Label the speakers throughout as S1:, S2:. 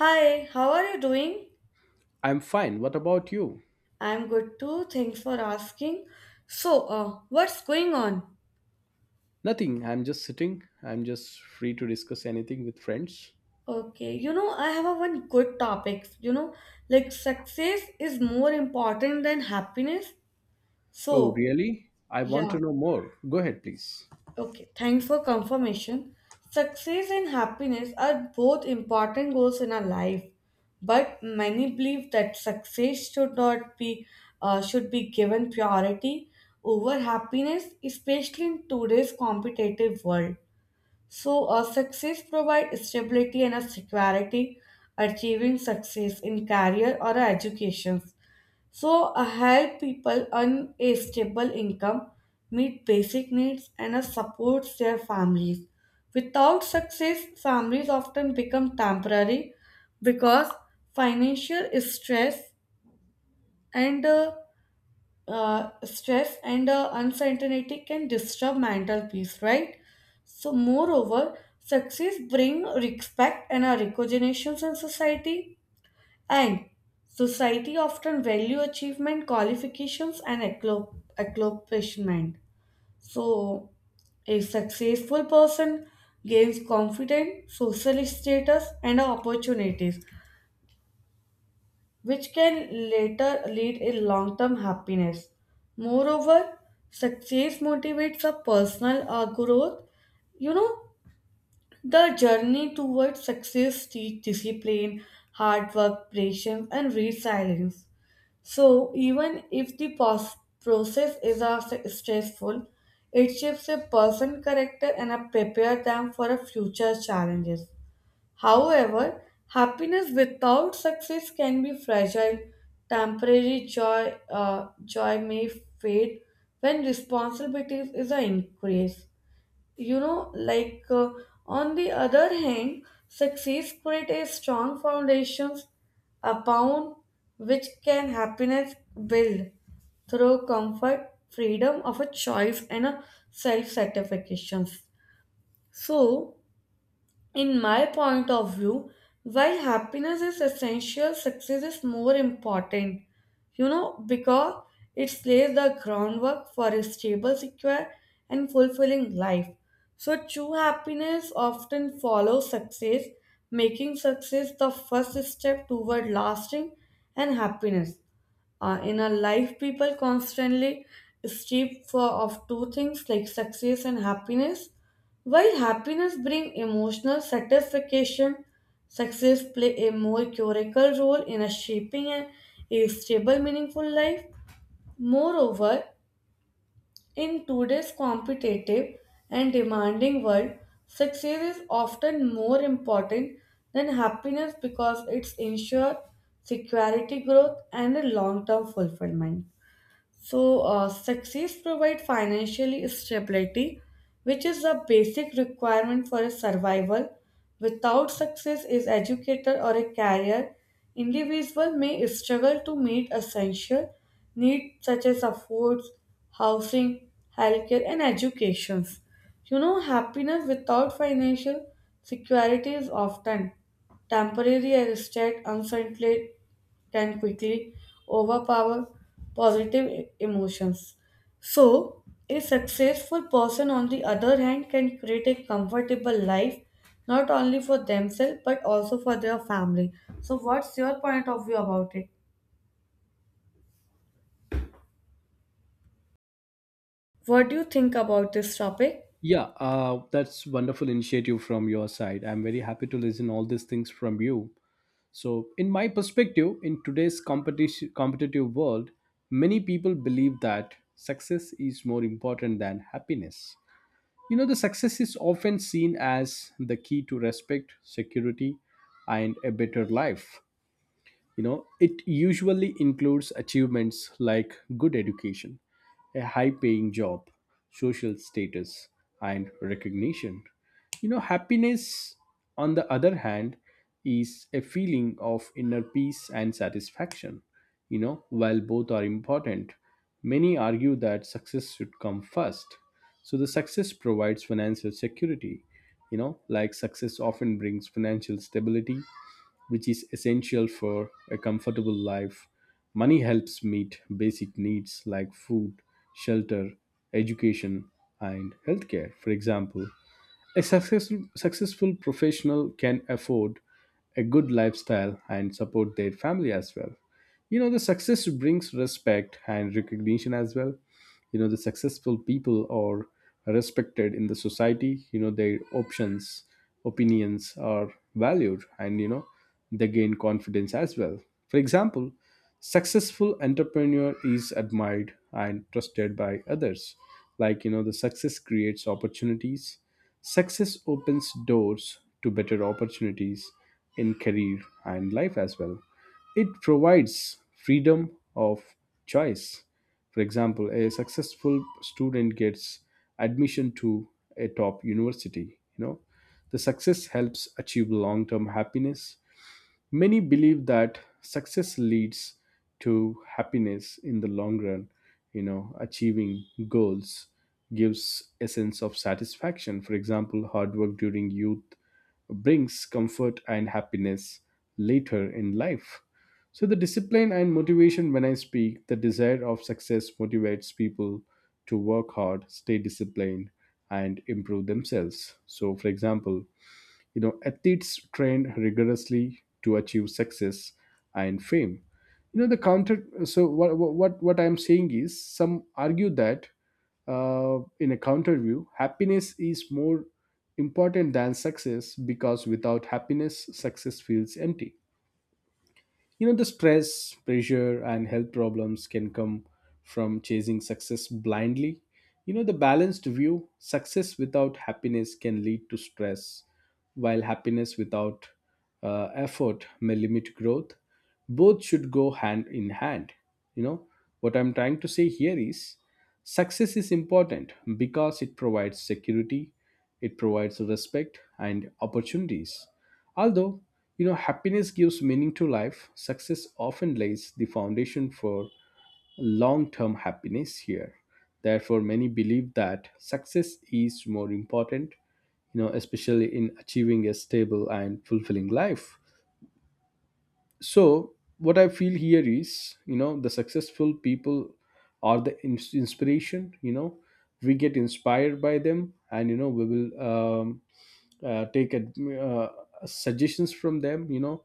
S1: Hi, how are you doing?
S2: I'm fine. What about you?
S1: I'm good too. Thanks for asking. So, what's going on?
S2: Nothing. I'm just sitting. I'm just free to discuss anything with friends.
S1: Okay, you know, I have a one good topic. You know, like success is more important than happiness.
S2: Oh,
S1: So,
S2: really? I want
S1: yeah.
S2: to know more. Go ahead, please.
S1: Okay, thanks for confirmation. Success and happiness are both important goals in our life, but many believe that success should not be should be given priority over happiness, especially in today's competitive world. So, success provides stability and a security. Achieving success in career or education so, I help people earn a stable income, meet basic needs, and supports their families. Without success, families often become temporary because financial stress and stress and uncertainty can disturb mental peace, right? So, moreover, success bring respect and recognition in society and society often value achievement, qualifications, and accomplishment. So, a successful person gains confidence, social status, and opportunities, which can later lead a long-term happiness. Moreover, success motivates a personal growth. You know, the journey towards success teach discipline, hard work, patience, and resilience. So, even if the process is a stressful, it shapes a person character and a prepare them for a future challenges. However, happiness without success can be fragile. Temporary joy may fade when responsibilities is a increase you know like on the other hand success creates a strong foundations upon which can happiness build through comfort freedom of a choice and a self satisfaction so in my point of view, while happiness is essential, success is more important. You know, because it lays the groundwork for a stable, secure, and fulfilling life. So, true happiness often follows success, making success the first step toward lasting and happiness. In our life, people constantly strive for of two things like success and happiness. While happiness brings emotional satisfaction, success plays a more curical role in a shaping a stable, meaningful life. Moreover, in today's competitive and demanding world, success is often more important than happiness because it ensures security, growth, and a long-term fulfillment. So, success provide financial stability, which is a basic requirement for a survival. Without success as educator or a career, individual may struggle to meet essential needs such as a food, housing, healthcare, and educations. You know, happiness without financial security is often temporary and state uncertain can quickly overpower positive emotions. So, a successful person, on the other hand, can create a comfortable life not only for themselves but also for their family. So, what's your point of view about it? What do you think about this topic?
S2: Yeah, that's wonderful initiative from your side. I'm very happy to listen all these things from you. So, in my perspective, in today's competitive world, many people believe that success is more important than happiness. You know, the success is often seen as the key to respect, security, and a better life. You know, it usually includes achievements like good education, a high paying job, social status, and recognition. You know, happiness, on the other hand, is a feeling of inner peace and satisfaction. You know, while both are important, many argue that success should come first. So the success provides financial security. You know, like, success often brings financial stability, which is essential for a comfortable life. Money helps meet basic needs like food, shelter, education, and healthcare, for example. A successful professional can afford a good lifestyle and support their family as well. You know, the success brings respect and recognition as well. You know, the successful people are respected in the society. You know, their options opinions are valued, and you know, they gain confidence as well. For example, successful entrepreneur is admired and trusted by others. Like, you know, the success creates opportunities. Success opens doors to better opportunities in career and life as well. It provides freedom of choice. For example, a successful student gets admission to a top university. You know, the success helps achieve long-term happiness. Many believe that success leads to happiness in the long run. You know, achieving goals gives a sense of satisfaction. For example, hard work during youth brings comfort and happiness later in life. So, the discipline and motivation, when I speak, the desire of success motivates people to work hard, stay disciplined, and improve themselves. So, for example, you know, athletes train rigorously to achieve success and fame. You know, the counter, so what I'm saying is, some argue that, in a counter view, happiness is more important than success because without happiness success feels empty. You know, the stress, pressure, and health problems can come from chasing success blindly. You know, the balanced view, success without happiness can lead to stress, while happiness without effort may limit growth. Both should go hand in hand. You know, what I'm trying to say here is, success is important because it provides security, it provides respect and opportunities. Although, you know, happiness gives meaning to life, success often lays the foundation for long term happiness here. Therefore, many believe that success is more important, you know, especially in achieving a stable and fulfilling life. So what I feel here is, you know, the successful people are the inspiration. You know, we get inspired by them, and you know, we will take uh, suggestions from them. You know,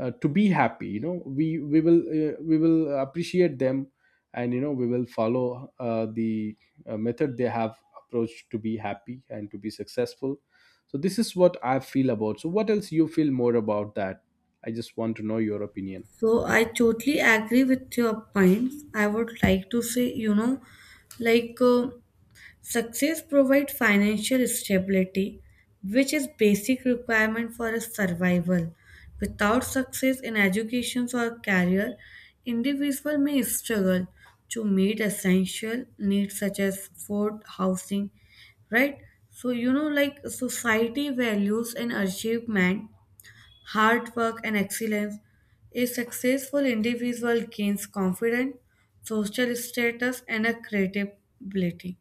S2: to be happy, you know, we will appreciate them, and you know, we will follow the method they have approached to be happy and to be successful. So this is what I feel about. So what else you feel more about that? I just want to know your opinion.
S1: So I totally agree with your points. I would like to say, you know, like Success provides financial stability, which is basic requirement for a survival. Without success in education or career, individual may struggle to meet essential needs such as food, housing, right? So you know, like society values and achievement hard work, and excellence. A successful individual gains confidence, social status, and a creative ability.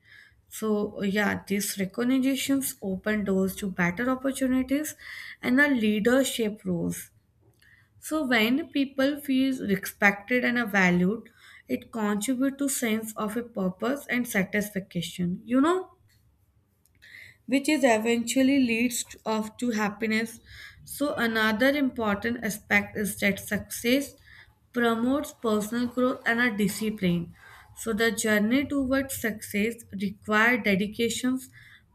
S1: So, yeah, these recognitions open doors to better opportunities and a leadership roles. So, when people feel respected and are valued, it contributes to sense of a purpose and satisfaction. You know, which is eventually leads of to happiness. So another important aspect is that success promotes personal growth and a discipline. So the journey towards success require dedications,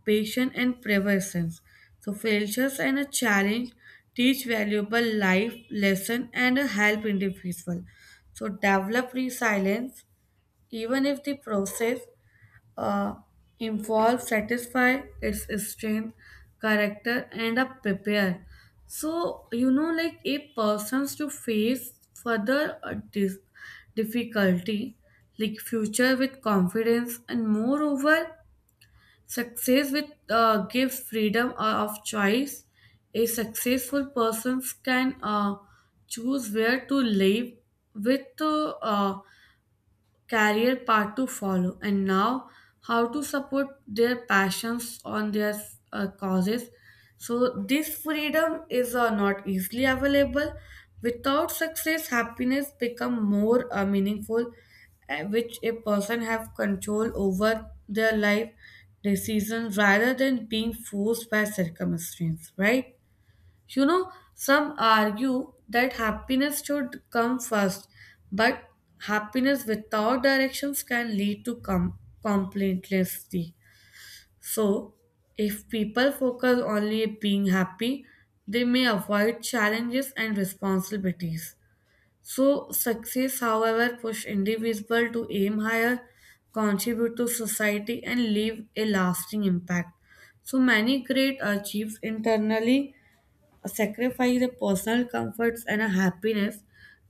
S1: patience and perseverance. So failures and a challenge teach valuable life lesson and help individual. So develop resilience even if the process uh, involve, satisfy its strength, character, and a prepare. So you know, like a person's to face further difficulty, like future with confidence, and moreover, success with gives freedom of choice. A successful person can choose where to live with career path to follow, and now how to support their passions on their causes. So, this freedom is not easily available. Without success, happiness become more meaningful, which a person have control over their life decisions rather than being forced by circumstance, right? You know, some argue that happiness should come first, but happiness without directions can lead to complacency. So, if people focus only on being happy, they may avoid challenges and responsibilities. So, success, however, push individual to aim higher, contribute to society, and leave a lasting impact. So many great achieves internally sacrifice their personal comforts and a happiness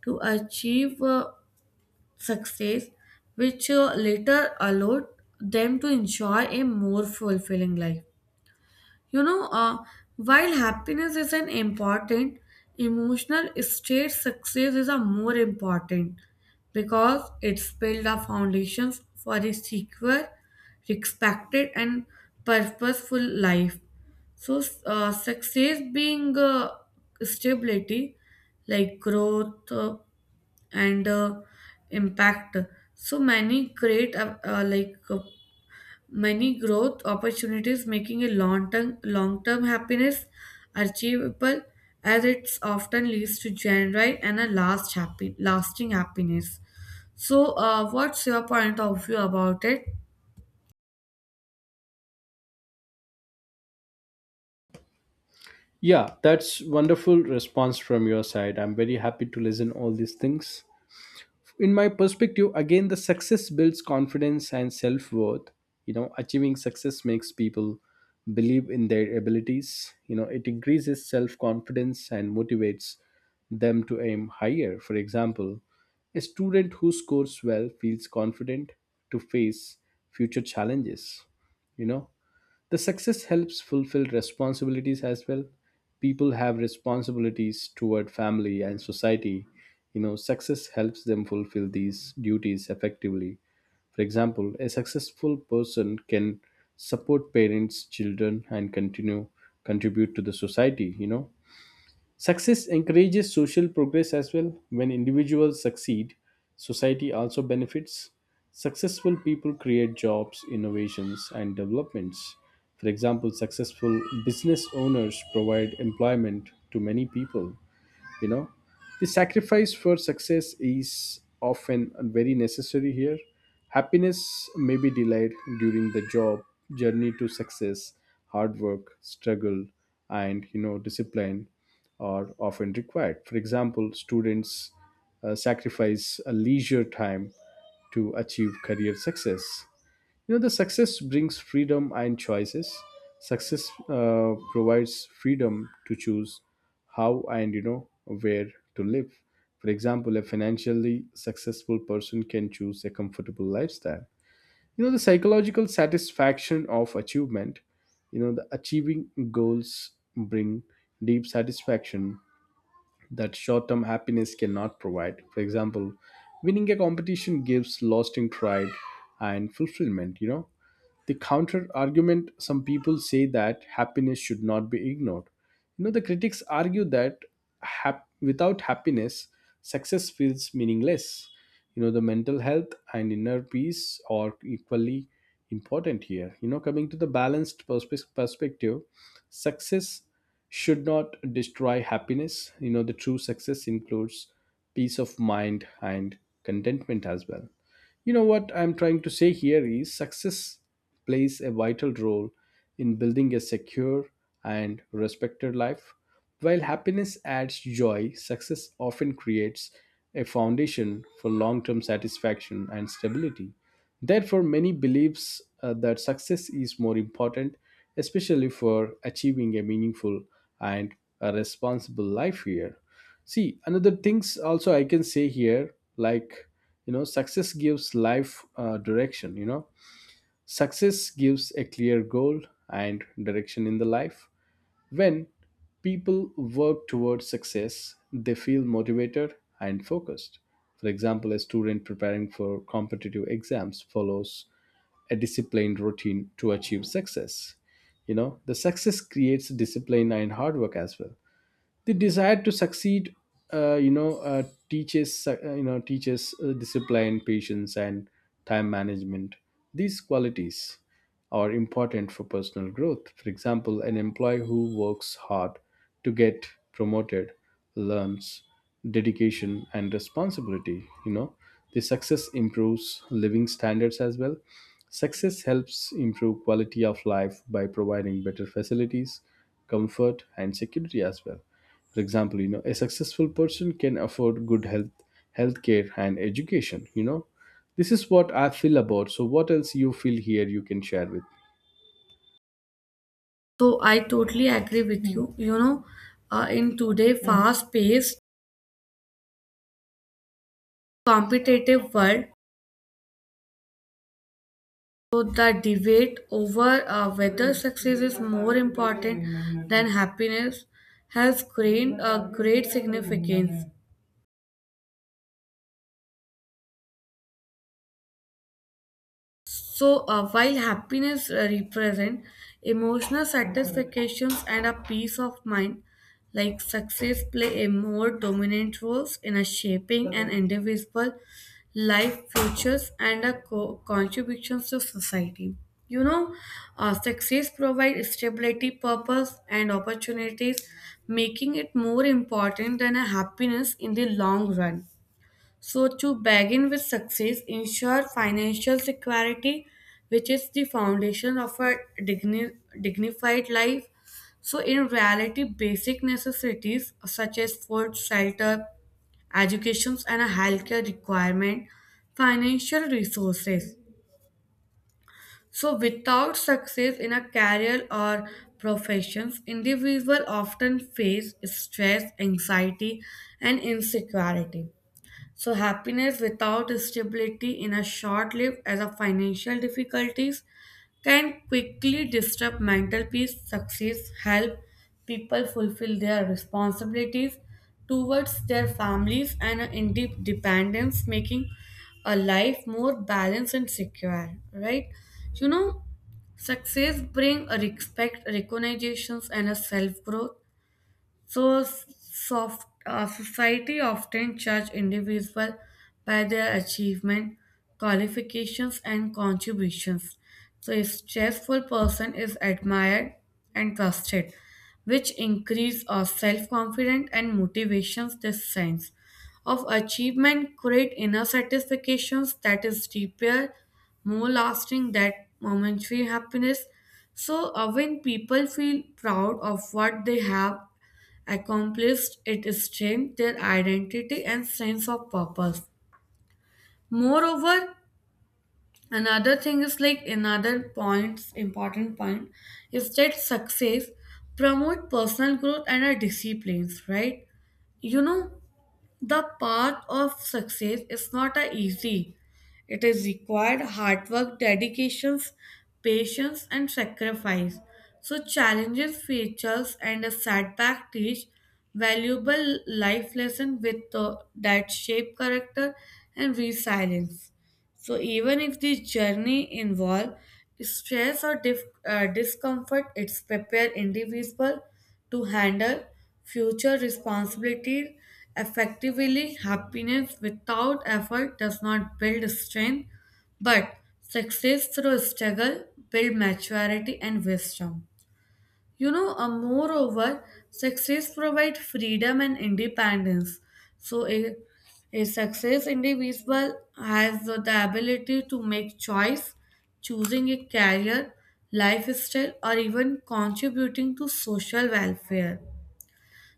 S1: to achieve success, which later allowed them to enjoy a more fulfilling life. You know, while happiness is an important emotional state, success is a more important because it's built the foundations for a secure, respected, and purposeful life. So, success being stability, like growth and impact. So many great, Many growth opportunities making a long-term happiness achievable as it often leads to genuine and a lasting happiness. So, what's your point of view about it?
S2: Yeah, that's wonderful response from your side. I'm very happy to listen all these things. In my perspective, again, the success builds confidence and self-worth. You know, achieving success makes people believe in their abilities. You know, it increases self-confidence and motivates them to aim higher. For example, a student who scores well feels confident to face future challenges. You know, the success helps fulfill responsibilities as well. People have responsibilities toward family and society. You know, success helps them fulfill these duties effectively. For example, a successful person can support parents, children, and continue contribute to the society. You know, success encourages social progress as well. When individuals succeed, society also benefits. Successful people create jobs, innovations, and developments. For example, successful business owners provide employment to many people. You know, the sacrifice for success is often very necessary here. Happiness may be delayed during the job journey to success. Hard work, struggle, and you know, discipline are often required. For example, students sacrifice a leisure time to achieve career success. You know, the success brings freedom and choices. Success provides freedom to choose how and you know, where to live. For example, a financially successful person can choose a comfortable lifestyle. You know, the psychological satisfaction of achievement, you know, the achieving goals bring deep satisfaction that short term happiness cannot provide. For example, winning a competition gives lasting pride and fulfillment, you know. The counter argument, some people say that happiness should not be ignored. You know, the critics argue that, without happiness, success feels meaningless. You know, the mental health and inner peace are equally important here. You know, coming to the balanced perspective, success should not destroy happiness. You know, the true success includes peace of mind and contentment as well. You know what I'm trying to say here is, success plays a vital role in building a secure and respected life. While happiness adds joy, success often creates a foundation for long term satisfaction and stability. Therefore, many believes that success is more important, especially for achieving a meaningful and a responsible life here. See, another things also I can say here, like, you know, success gives life direction, you know. Success gives a clear goal and direction in the life. When people work towards success, they feel motivated and focused. For example, a student preparing for competitive exams follows a disciplined routine to achieve success. You know, the success creates discipline and hard work as well. The desire to succeed, uh, you know uh, teaches, you know, teaches discipline, patience, and time management. These qualities are important for personal growth. For example, an employee who works hard to get promoted learns dedication and responsibility. You know, the success improves living standards as well. Success helps improve quality of life by providing better facilities, comfort, and security as well. For example, you know, a successful person can afford good healthcare and education. You know, this is what I feel about. So what else you feel here, you can share with.
S1: So, I totally agree with you. You know, in today fast-paced, competitive world, so the debate over whether success is more important than happiness has gained a great significance. So, while happiness represent emotional satisfactions and a peace of mind, like success play a more dominant roles in a shaping an individual life futures and a contributions to society. You know, success provides stability, purpose, and opportunities, making it more important than a happiness in the long run. So, to begin with success, ensure financial security, which is the foundation of a dignified life. So, in reality, basic necessities such as food, shelter, education, and a healthcare requirement, financial resources. So, without success in a career or professions, individual often face stress, anxiety, and insecurity. So happiness without stability in a short lived as a financial difficulties can quickly disrupt mental peace, success, help people fulfill their responsibilities towards their families and independence, making a life more balanced and secure. Right? You know, success bring a respect, recognitions, and a self growth so, society often judge individuals by their achievement, qualifications, and contributions. So, a successful person is admired and trusted, which increase our self-confidence and motivations. This sense of achievement create inner satisfactions that is deeper, more lasting than momentary happiness. So, when people feel proud of what they have accomplished it strength their identity and sense of purpose moreover another thing is like another point, important point is that success promote personal growth and our disciplines right you know the path of success is not a easy. It is required hard work, dedications, patience, and sacrifice. So challenges, failures, and a setback teach valuable life lesson with that shape character and resilience. So even if the journey involve stress or discomfort, it's prepare individual to handle future responsibilities effectively. Happiness without effort does not build strength, but success through struggle build maturity and wisdom. You know, moreover, success provides freedom and independence. So, a success individual has the ability to make choice, choosing a career, lifestyle, or even contributing to social welfare.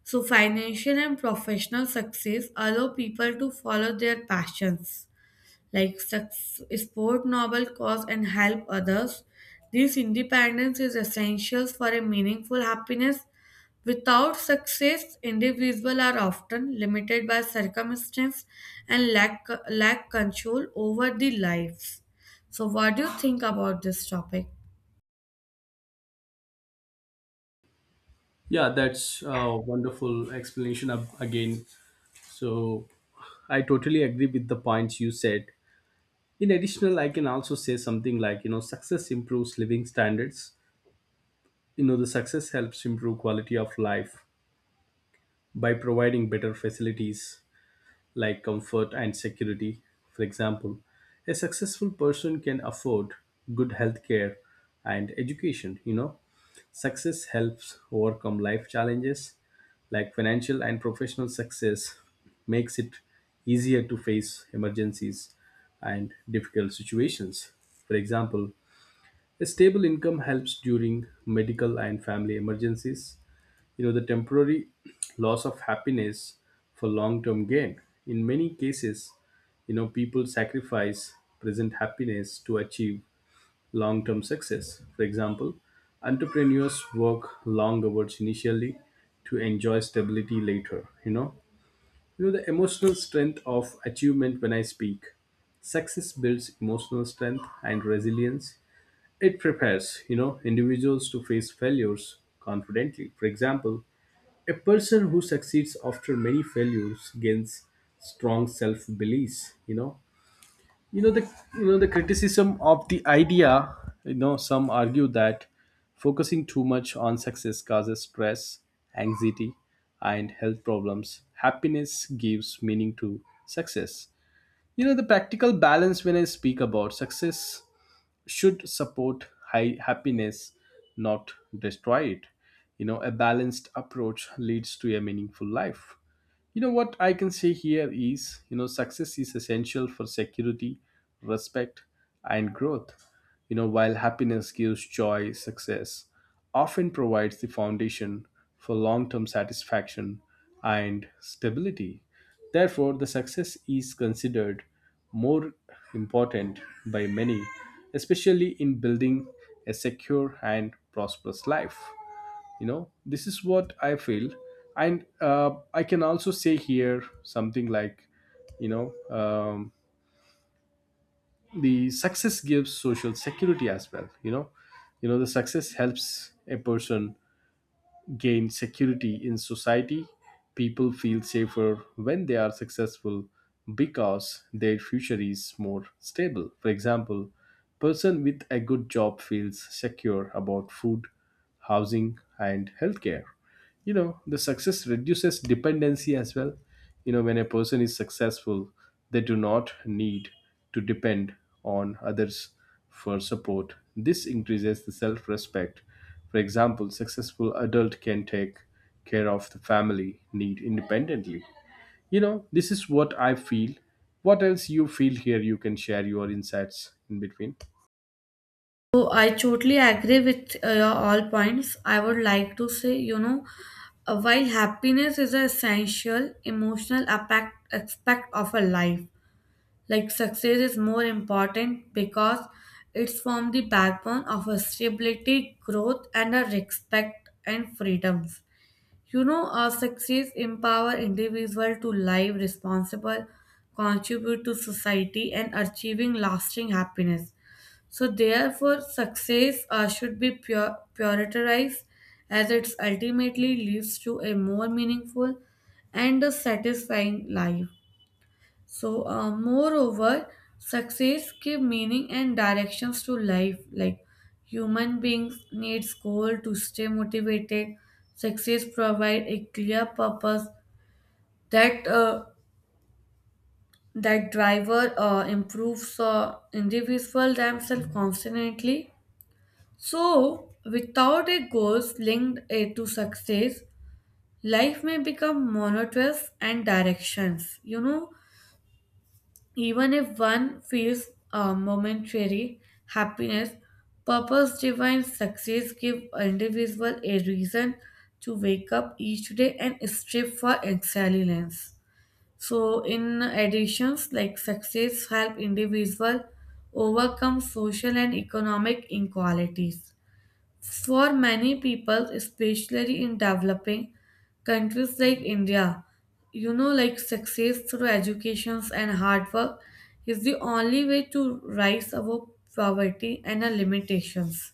S1: So, financial and professional success allow people to follow their passions like support noble cause and help others. This independence is essential for a meaningful happiness. Without success, individuals are often limited by circumstance and lack control over the lives. So, what do you think about this topic?
S2: Yeah, that's a wonderful explanation again. So I totally agree with the points you said. In additional, I can also say something like, you know, success improves living standards. You know, the success helps improve quality of life by providing better facilities like comfort and security. For example, a successful person can afford good health care and education. You know, success helps overcome life challenges, like financial and professional success makes it easier to face emergencies and difficult situations. For example, a stable income helps during medical and family emergencies. You know, the temporary loss of happiness for long term gain, in many cases, you know, people sacrifice present happiness to achieve long term success. For example, entrepreneurs work long hours initially to enjoy stability later. You know, you know the emotional strength of achievement when I speak, success builds emotional strength and resilience. It prepares, you know, individuals to face failures confidently. For example, a person who succeeds after many failures gains strong self beliefs. You know, you know the the criticism of the idea. You know, some argue that focusing too much on success causes stress, anxiety, and health problems. Happiness gives meaning to success. You know, the practical balance when I speak about success should support high happiness, not destroy it. You know, a balanced approach leads to a meaningful life. You know what I can say here is, you know, success is essential for security, respect, and growth. You know, while happiness gives joy, success often provides the foundation for long term satisfaction and stability. Therefore, the success is considered more important by many, especially in building a secure and prosperous life. You know, this is what I feel, and I can also say here something like, you know, the success gives social security as well. You know you know, the success helps a person gain security in society. People feel safer when they are successful because their future is more stable. For example, person with a good job feels secure about food, housing, and healthcare. You know, the success reduces dependency as well. You know, when a person is successful, they do not need to depend on others for support. This increases the self respect. For example, successful adult can take care of the family need independently. You know, this is what I feel. What else you feel here, you can share your insights in between.
S1: So, I totally agree with your all points. I would like to say, you know, while happiness is an essential emotional aspect of a life, Like success is more important because it's formed the backbone of a stability, growth, and a respect and freedoms. You know, our success empower individual to live responsible, contribute to society, and achieving lasting happiness. So therefore, success should be prioritized as it ultimately leads to a more meaningful and a satisfying life. So, moreover, success give meaning and directions to life. Like human beings needs goal to stay motivated. Success provide a clear purpose that uh, that driver improves individual themselves constantly. So, without a goals linked to success, life may become monotonous and directions. You know Even if one feels a momentary happiness, purpose driven success give individual a reason to wake up each day and strive for excellence. So in additions like success help individual overcome social and economic inequalities for many people, especially in developing countries like India, you know, like success through educations and hard work is the only way to rise above poverty and our limitations.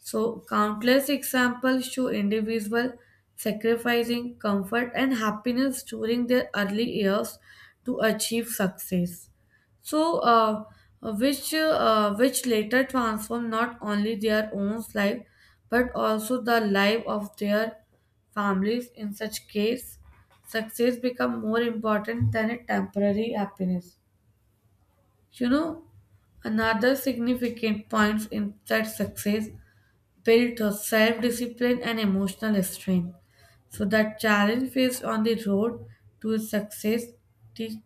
S1: So, countless examples show individuals sacrificing comfort and happiness during their early years to achieve success. So, which later transform not only their own life but also the life of their families. In such case, success become more important than a temporary happiness. You know, Another significant point in that success built her self discipline and emotional strength. So, that challenge faced on the road to success teach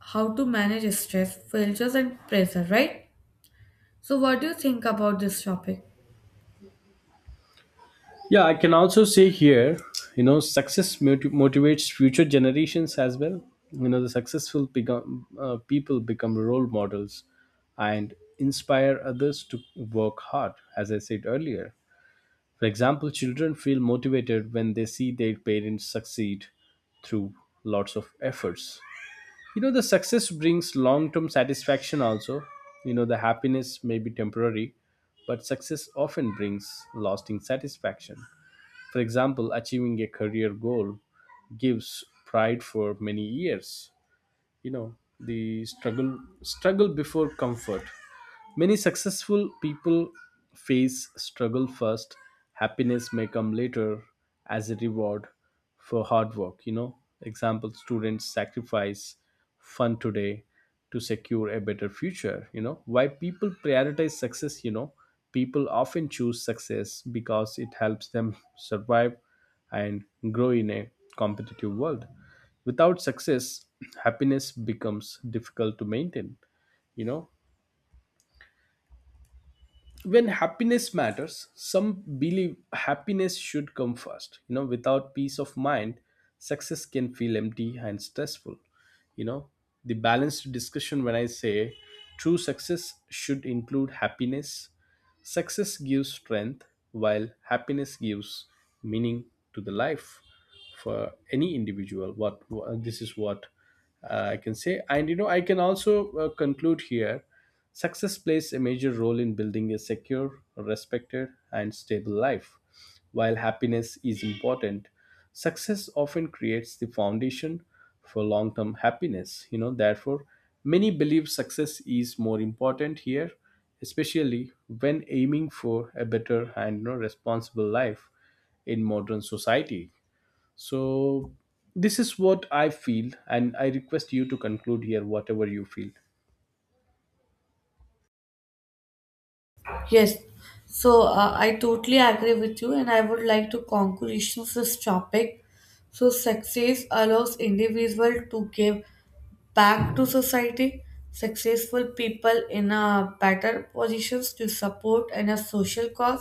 S1: how to manage stress, failures, and pressure, right? So, what do you think about this topic?
S2: Yeah, I can also say here, you know, success motivates future generations as well. You know, the successful become, people become role models and inspire others to work hard, as I said earlier. For example, children feel motivated when they see their parents succeed through lots of efforts. You know, the success brings long term satisfaction also. You know, the happiness may be temporary, but success often brings lasting satisfaction. For example, achieving a career goal gives pride for many years. You know, the struggle before comfort. Many successful people face struggle first, happiness may come later as a reward for hard work. You know, example, students sacrifice fun today to secure a better future. You know, why people prioritize success, you know, people often choose success because it helps them survive and grow in a competitive world. Without success, happiness becomes difficult to maintain. You know, when happiness matters, some believe happiness should come first. You know, without peace of mind success can feel empty and stressful. You know, the balanced discussion when I say, true success should include happiness. Success gives strength, while happiness gives meaning to the life for any individual. This is what I can say. And you know, I can also conclude here. Success plays a major role in building a secure, respected, and stable life. While happiness is important, success often creates the foundation for long term happiness. You know, therefore, many believe success is more important here, especially when aiming for a better and you know, responsible life in modern society. So, this is what I feel, and I request you to conclude here whatever you feel.
S1: Yes, so I totally agree with you, and I would like to conclude this topic. So, success allows individual to give back to society. Successful people in a better positions to support and a social cause.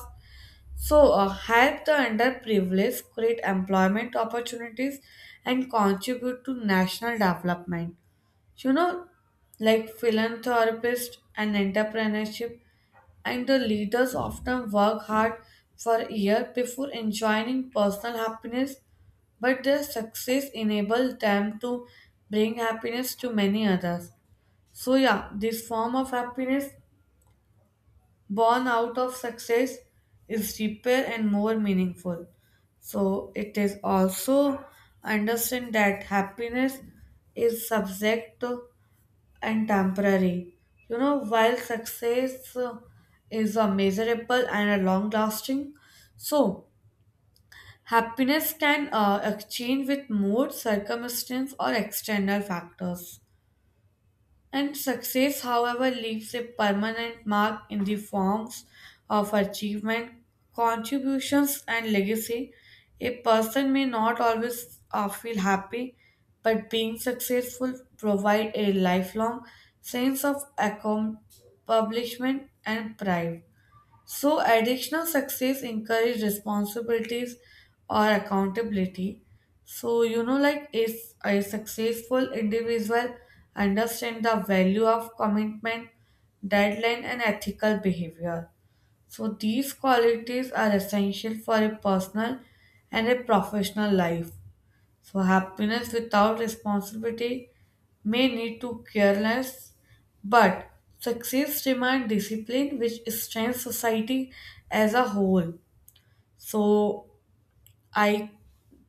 S1: So, help the underprivileged, create employment opportunities, and contribute to national development. You know, like philanthropist and entrepreneurship and the leaders often work hard for a year before enjoying personal happiness, but their success enables them to bring happiness to many others. So, yeah, this form of happiness born out of success is deeper and more meaningful. So, it is also understand that happiness is subject to and temporary. You know, while success is a measurable and a long lasting, so happiness can exchange with mood, circumstance, or external factors. And success, however, leaves a permanent mark in the forms of achievement, contributions, and legacy. A person may not always feel happy, but being successful provides a lifelong sense of accomplishment and pride. So, additional success encourage responsibilities or accountability. So, you know, like if a successful individual understand the value of commitment, deadline, and ethical behavior. So, these qualities are essential for a personal and a professional life. So, happiness without responsibility may lead to careless, but success demands discipline, which strengthens society as a whole. So, I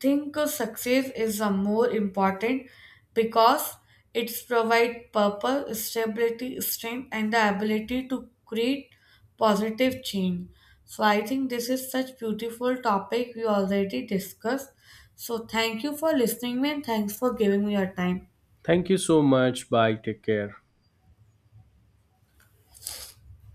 S1: think success is a more important because it's provide purpose, stability, strength, and the ability to create positive change. So I think this is such beautiful topic we already discussed. So thank you for listening me and thanks for giving me your time.
S2: Thank you so much. Bye. Take care.